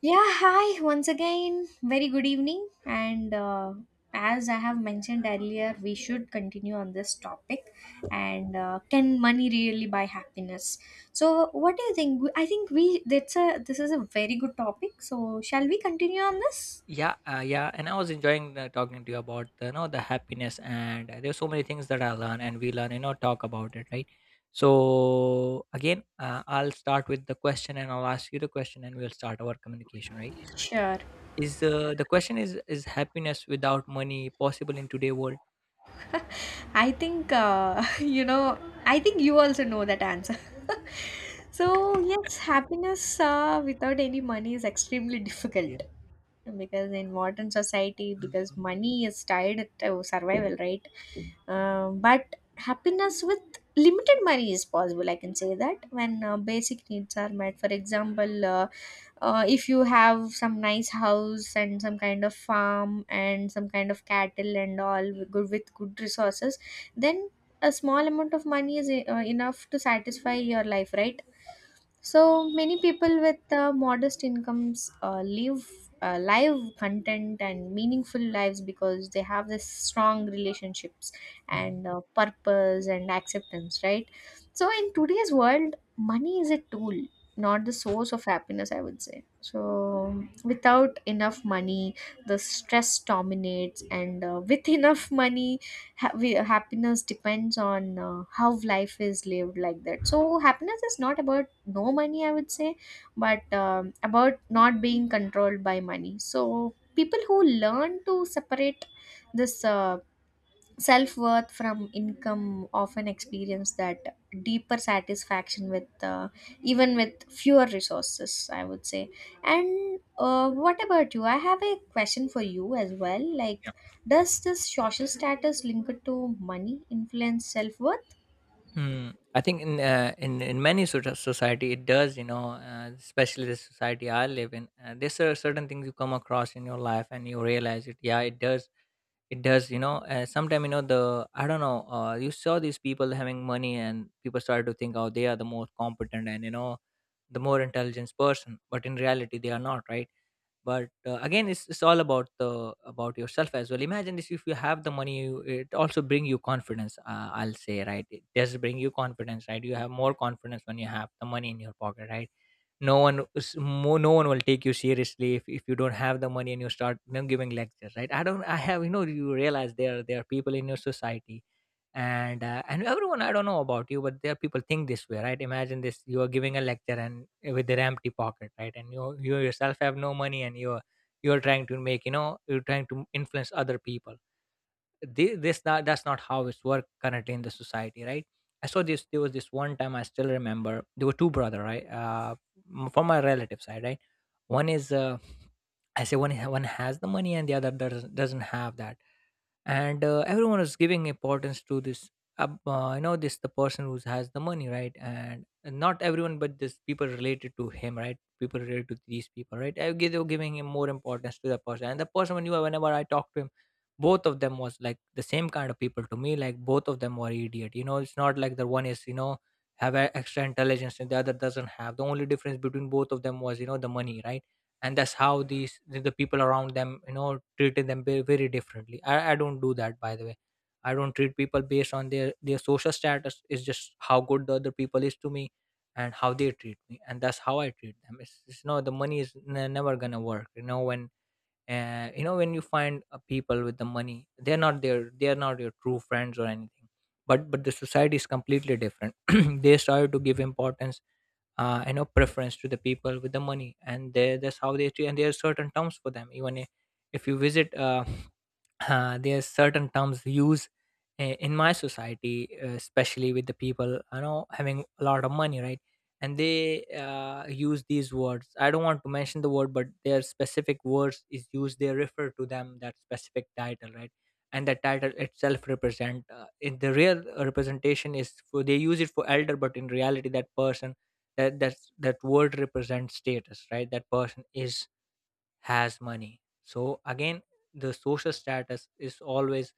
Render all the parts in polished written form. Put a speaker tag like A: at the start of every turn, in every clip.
A: Yeah, hi, once again, very good evening. And as I have mentioned earlier, we should continue on this topic. And can money really buy happiness? So, what do you think? I think we that's a this is a very good topic. So, shall we continue on this?
B: Yeah, yeah, and I was enjoying talking to you about the, you know the happiness, and there's so many things that I learn and we learn, you know, talk about it, right? So again, I'll start with the question, and I'll ask you the question, and we'll start our communication, right?
A: Sure.
B: is The question is happiness without money possible in today's world?
A: I think, you know. I think you also know that answer. So yes, happiness without any money is extremely
B: Yeah.
A: difficult. Because in modern society, because
B: Mhm.
A: money is tied to survival, right? But happiness with limited money is possible, I can say that, when basic needs are met. For example, if you have some nice house and some kind of farm and some kind of cattle and all, with good resources. Then a small amount of money is enough to satisfy your life, right? So many people with modest incomes, live content and meaningful lives, because they have this strong relationships
B: Mhm.
A: and purpose and acceptance, right? So in today's world, money is a tool, not the source of happiness, I would say. So without enough money, the stress dominates, and with enough money, happiness depends on how life is lived, like that. So happiness is not about no money, I would say, but about not being controlled by money. So people who learn to separate this self worth from income often experience that deeper satisfaction with even with fewer resources, I would say. And what about you? I have a question for you as well, like, does this social status linked to money influence self worth?
B: Hmm. I think in many sort of society, it does, you know. Especially the society I live in, there's certain things you come across in your life, and you realize it. Yeah, it does. It does, you know. Sometime, you know, the I don't know. You saw these people having money, and people started to think, oh, they are the more competent, and, you know, the more intelligent person. But in reality, they are not, right? But again, it's all about the about yourself as well. Imagine this: if you have the money, it also bring you confidence. I'll say, right? It does bring you confidence, right? You have more confidence when you have the money in your pocket, right? No one will take you seriously if you don't have the money and you start, you know, giving lectures, right? I don't I have you know You realize there are people in your society. And everyone, I don't know about you, but there are people think this way, right? Imagine this, you are giving a lecture and with their empty pocket, right, and you yourself have no money, and you're — you're trying to make you know you're trying to influence other people. Thi this that That's not how it's work currently in the society, right? I saw this. There was this one time I still remember. There were two brother, right? From my relative side, right? One is I say one ha- One has the money, and the other doesn't have that. And everyone is giving importance to this you know this the person who has the money, right. And not everyone, but this people related to him, right, people related to these people, right, they were giving him more importance to the person. And the person, whenever I talked to him, both of them was like the same kind of people to me. Like, both of them were idiot, you know. It's not like the one is, you know, have a extra intelligence and the other doesn't have. The only difference between both of them was, you know, the money, right. And that's how the people around them, you know, treated them very, very differently. I don't do that, by the way. I don't treat people based on their social status. It's just how good the other people is to me, and how they treat me, and that's how I treat them. It's no, the money is never gonna work, you know. When you know, when you find people with the money, they're not your true friends or anything. But the society is completely different. They started to give importance, you know, preference to the people with the money, that's how they treat. And there are certain terms for them, even if — if you visit, there's certain terms we use in my society, especially with the people, you know, having a lot of money, right. And they use these words. I don't want to mention the word, but their specific words is used, they refer to them that specific title, right. And the title itself represent, in the real representation is for, they use it for elder, but in reality that person — that word represents status, right, that person is — has money. So again, the social status is always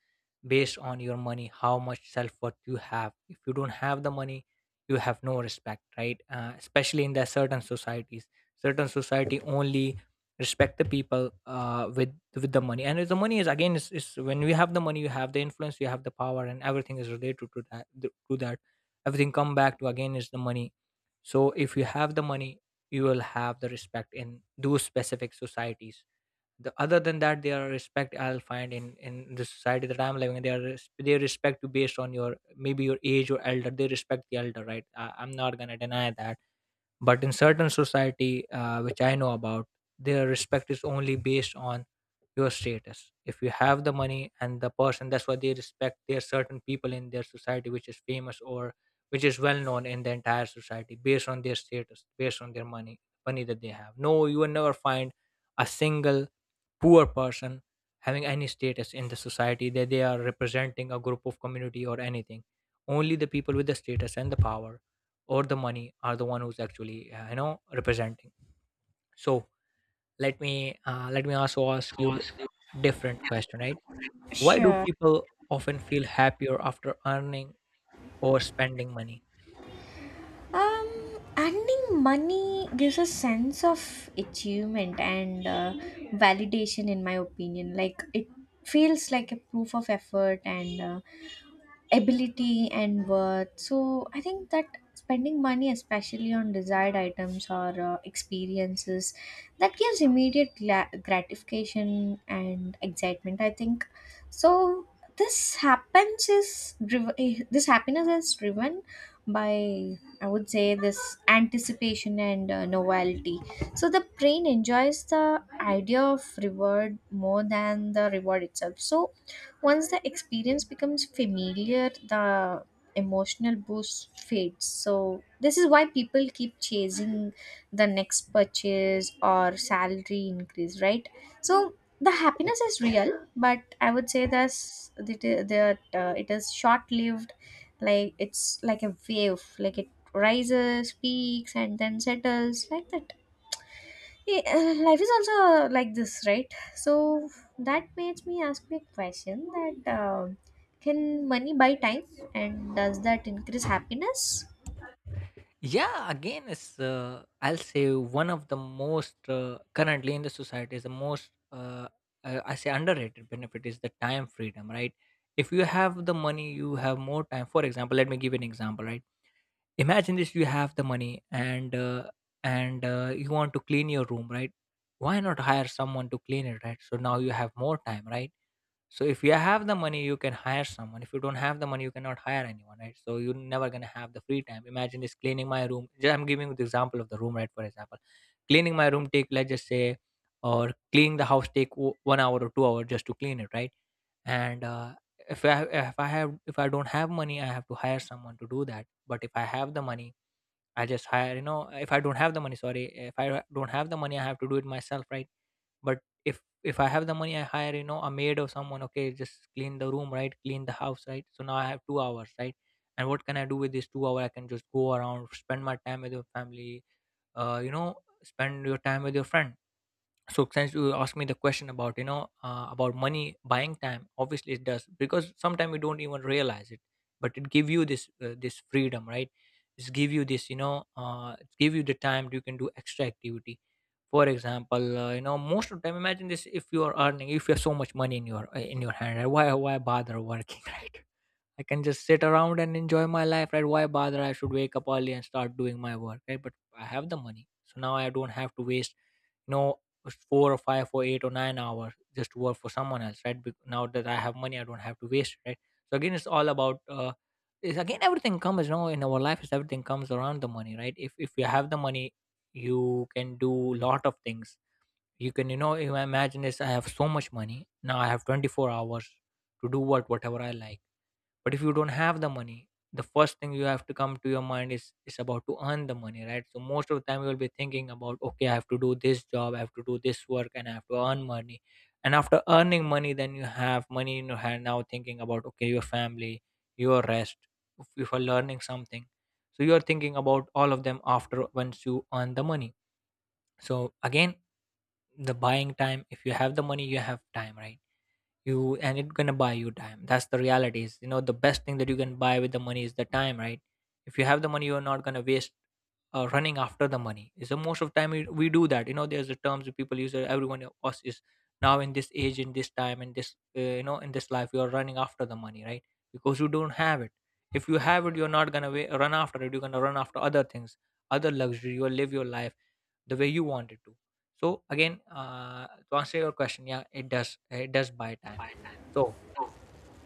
B: based on your money, how much self worth you have. If you don't have the money, you have no respect, right? Especially in the certain societies, certain society only respect the people, with the money. And if the money is, again, is when we have the money, you have the influence, you have the power, and everything is related to that. To that, everything come back to, again, is the money. So if you have the money, you will have the respect in those specific societies. The Other than that, there are respect I'll find in the society that I'm living in. They are they respect you based on your, maybe your age or elder. They respect the elder, right. I'm not gonna deny that. But in certain society, which I know about, their respect is only based on your status. If you have the money and the person, that's why they respect their certain people in their society which is famous, or which is well known in the entire society, based on their status, based on their money. Money that they have. No, you will never find a single poor person having any status in the society, that they are representing a group of community or anything. Only the people with the status and the power or the money are the one who's actually, you know, representing. So let me also ask you a different question, right. Why do
A: Sure.
B: people often feel happier after earning or spending money?
A: um, earning money gives a sense of achievement and validation, in my opinion. Like it feels like a proof of effort and ability and worth. So I think that spending money, especially on desired items or experiences, that gives immediate gratification and excitement. I think so. This happiness is driven by, I would say, this anticipation and novelty. So the brain enjoys the idea of reward more than the reward itself. So once the experience becomes familiar, the emotional boost fades. So, this is why people keep chasing the next purchase or salary increase, right? So, the
B: Yeah.
A: happiness is real, but I would say that it is short lived. Like it's like a wave, like it rises, peaks, and then settles, like that. Yeah, life is also like this, right? So that makes me ask me a question, that can money buy time and does that increase happiness?
B: Yeah, again, it's I'll say, one of the most currently in the society is the most I say, underrated benefit is the time freedom, right? If you have the money, you have more time. For example, let me give you an example, right? Imagine this: you have the money, and you want to clean your room, right? Why not hire someone to clean it, right? So now you have more time, right? So if you have the money, you can hire someone. If you don't have the money, you cannot hire anyone, right? So you're never gonna have the free time. Imagine this: cleaning my room. I'm giving you the example of the room, right? For example, cleaning my room take, let's just say, or cleaning the house take 1 hour or 2 hours just to clean it, right? And if I don't have money, I have to hire someone to do that. But if I have the money, I just hire. You know, if I don't have the money — sorry, if I don't have the money, I have to do it myself, right? But if if I have the money, I hire, you know, a maid or someone, okay, just clean the room, right, clean the house, right. So now I have 2 hours, right. And what can I do with this 2 hour? I can just go around, spend my time with your family, you know, spend your time with your friend. So since you asked me the question about, you know, about money buying time, obviously it does, because sometimes we don't even realize it, but it give you this this freedom, right. It's give you this, you know, it's give you the time, you can do extra activity. For example, you know, most of the time, imagine this: if you have so much money in your hand, right? Why bother working? Right, I can just sit around and enjoy my life, right? Why bother? I should wake up early and start doing my work, right? But I have the money, so now I don't have to waste, you know, 4 or 5 or 8 or 9 hours just to work for someone else, right? Now that I have money, I don't have to waste it, right? So again, it's all about, everything comes, you know, in our life, is, everything comes around the money, right? If you have the money, you can do lot of things. You can, you know, you imagine this: I have so much money. Now I have 24 hours to do what, whatever I like, but if you don't have the money, the first thing you have to come to your mind is — about to earn the money, right? So most of the time you'll be thinking about, okay, I have to do this job, I have to do this work, and I have to earn money. And after earning money, then you have money in your hand. Now thinking about, okay, your family, your rest, if you are learning something, so you are thinking about all of them after, once you earn the money. So again, the buying time. If you have the money, you have time, right? you And it's gonna buy you time. That's the reality, is, you know, the best thing that you can buy with the money is the time, right? If you have the money, you're not gonna waste running after the money. So most of time we do that, there's the terms that people use. Everyone of us is now in this age, in this time, in this in this life, you're running after the money, right? Because you don't have it. If you have it, you're not gonna run after it, you're gonna run after other things, other luxury. You'll live your life the way you want it to. So again, to answer your question, yeah, it does, it does buy time. So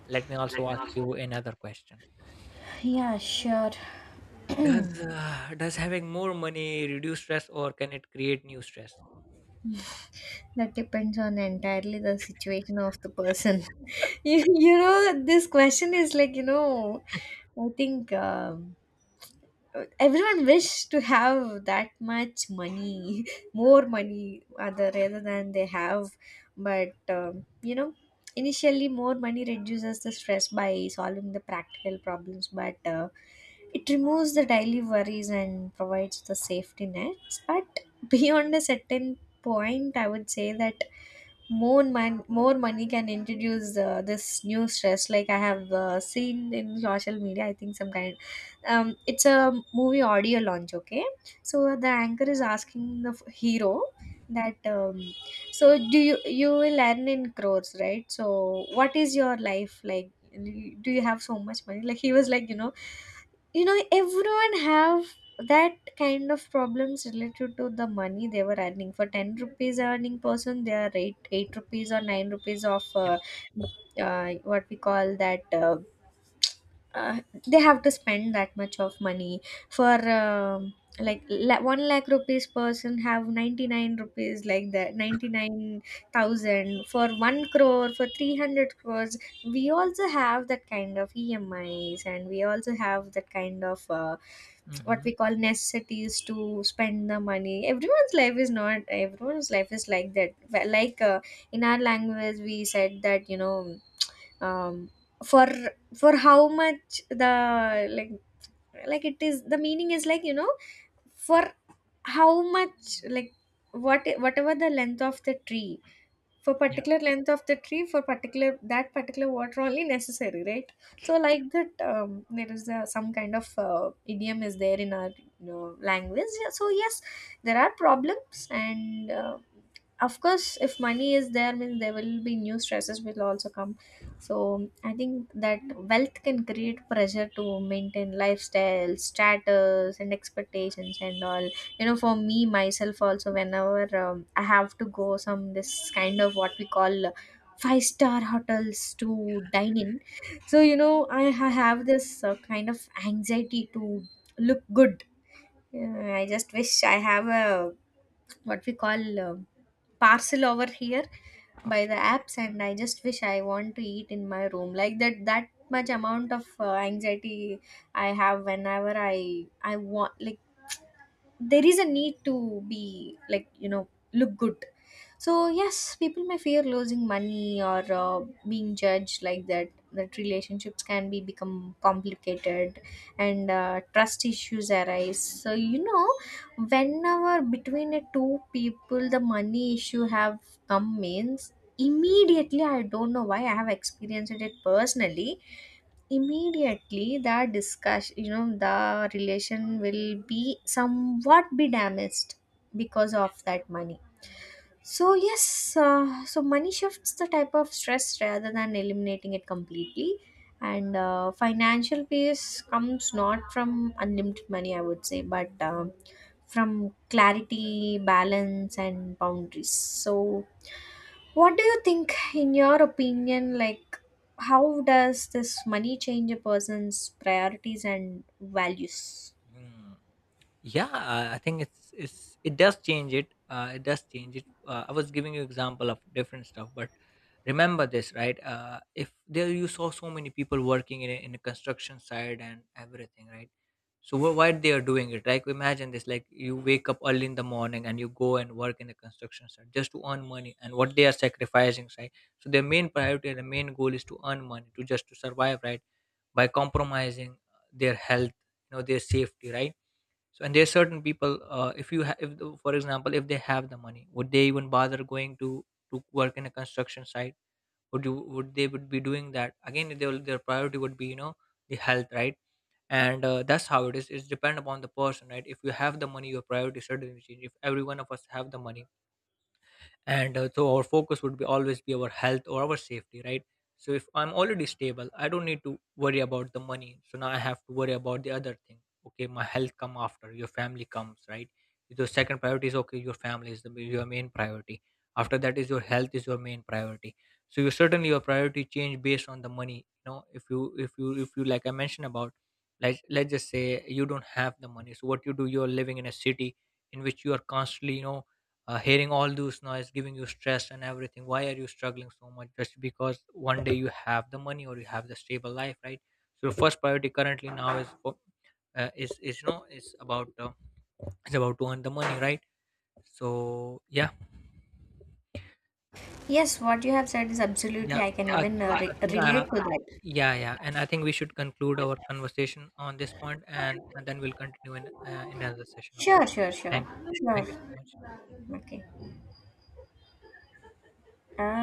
B: let me also ask you another question.
A: Yeah, sure.
B: Does having more money reduce stress, or can it create new stress?
A: That depends on entirely the situation of the person. This question is like, I think. Everyone wish to have that much money, more money, other rather than they have, but initially more money reduces the stress by solving the practical problems, but it removes the daily worries and provides the safety nets. But beyond a certain point, I would say that more money can introduce this new stress, like I have seen in social media, I think, some kind. It's a movie audio launch, okay? So the anchor is asking the hero that, so do you will earn in crores, right? So what is your life like? Do you have so much money? Like he was like, everyone have that kind of problems related to the money. They were earning. For 10 rupees earning person, they are 8 8 rupees or 9 rupees of
B: Yeah.
A: what we call that, uh, they have to spend that much of money for, um like, 1 lakh rupees person have 99 rupees, like that, 99,000 for 1 crore, for 300 crores. We also have that kind of emis, and we also have that kind of what
B: Hmm.
A: we call necessities to spend the money. Everyone's life is not, everyone's life is like that. Well, like, in our language we said that, um for how much the, like like it is, the meaning is, like, for how much, like, whatever the length of the tree. For
B: Yeah.
A: particular length of the tree, for particular, that particular water only necessary, right? So like that, there is a, some kind of idiom is there in our, language. Yeah, so yes, there are problems, and of course if money is there means there will be new stresses will also come. So I think that wealth can create pressure to maintain lifestyle status and expectations and all. For me myself also, whenever I have to go some this kind of what we call five-star hotels to dine in, so I have this kind of anxiety to look good. Yeah, I just wish I have a, what we call, parcel over here by the apps, and I just wish I want to eat in my room, like that, that much amount of anxiety I have whenever I want, like, there is a need to be, like, look good. So yes, people may fear losing money or being judged, like that, that relationships can be become complicated, and trust issues arise. So, whenever between the two people the money issue have come means, immediately, I don't know why, I have experienced it personally, immediately that discussion, the relation will be somewhat be damaged because of that money. So yes, uh, so money shifts the type of stress rather than eliminating it completely, and financial peace comes not from unlimited money, I would say, but from clarity, balance and boundaries. So what do you think, in your opinion, like, how does this money change a person's priorities and values?
B: Hmm. Yeah, I think it's it does change it. It does change it. I was giving you example of different stuff, but remember this, right? If there you saw so many people working in a construction site and everything, right? So why they are doing it? Like imagine this: like you wake up early in the morning and you go and work in the construction site just to earn money, and what they are sacrificing, right? So their main priority, and the main goal is to earn money, to just to survive, right? By compromising their health, you know, their safety, right? So and there are certain people. If you ha- if the- for example, if they have the money, would they even bother going to work in a construction site? Would they would be doing that again? They will, their priority would be, you know, the health, right? And that's how it is. It's depend upon the person, right? If you have the money, your priority certainly change. If every one of us have the money, and so our focus would be always be our health or our safety, right? So if I'm already stable, I don't need to worry about the money, so now I have to worry about the other thing. Okay, my health come after, your family comes, right? Your second priority is okay, your family is the, your main priority. After that is your health is your main priority. So you certainly your priority change based on the money, you know. If you like I mentioned about, like, let's just say you don't have the money, so what you do, you're living in a city in which you are constantly, you know, hearing all those noise giving you stress and everything. Why are you struggling so much? Just because one day you have the money or you have the stable life, right? So your first priority currently now is is you know is about to earn the money, right? So yeah.
A: Yes, what you have said is
B: Yeah.
A: absolutely, I
B: So,
A: can
B: i
A: even
B: think, I think uh,
A: relate to
B: uh,
A: that.
B: yeah, yeah, and I think we should conclude our conversation on this point, and then we'll continue in another session, okay?
A: Sure, sure, sure.
B: thank Thank
A: Sure.
B: you so much.
A: Okay. Uh,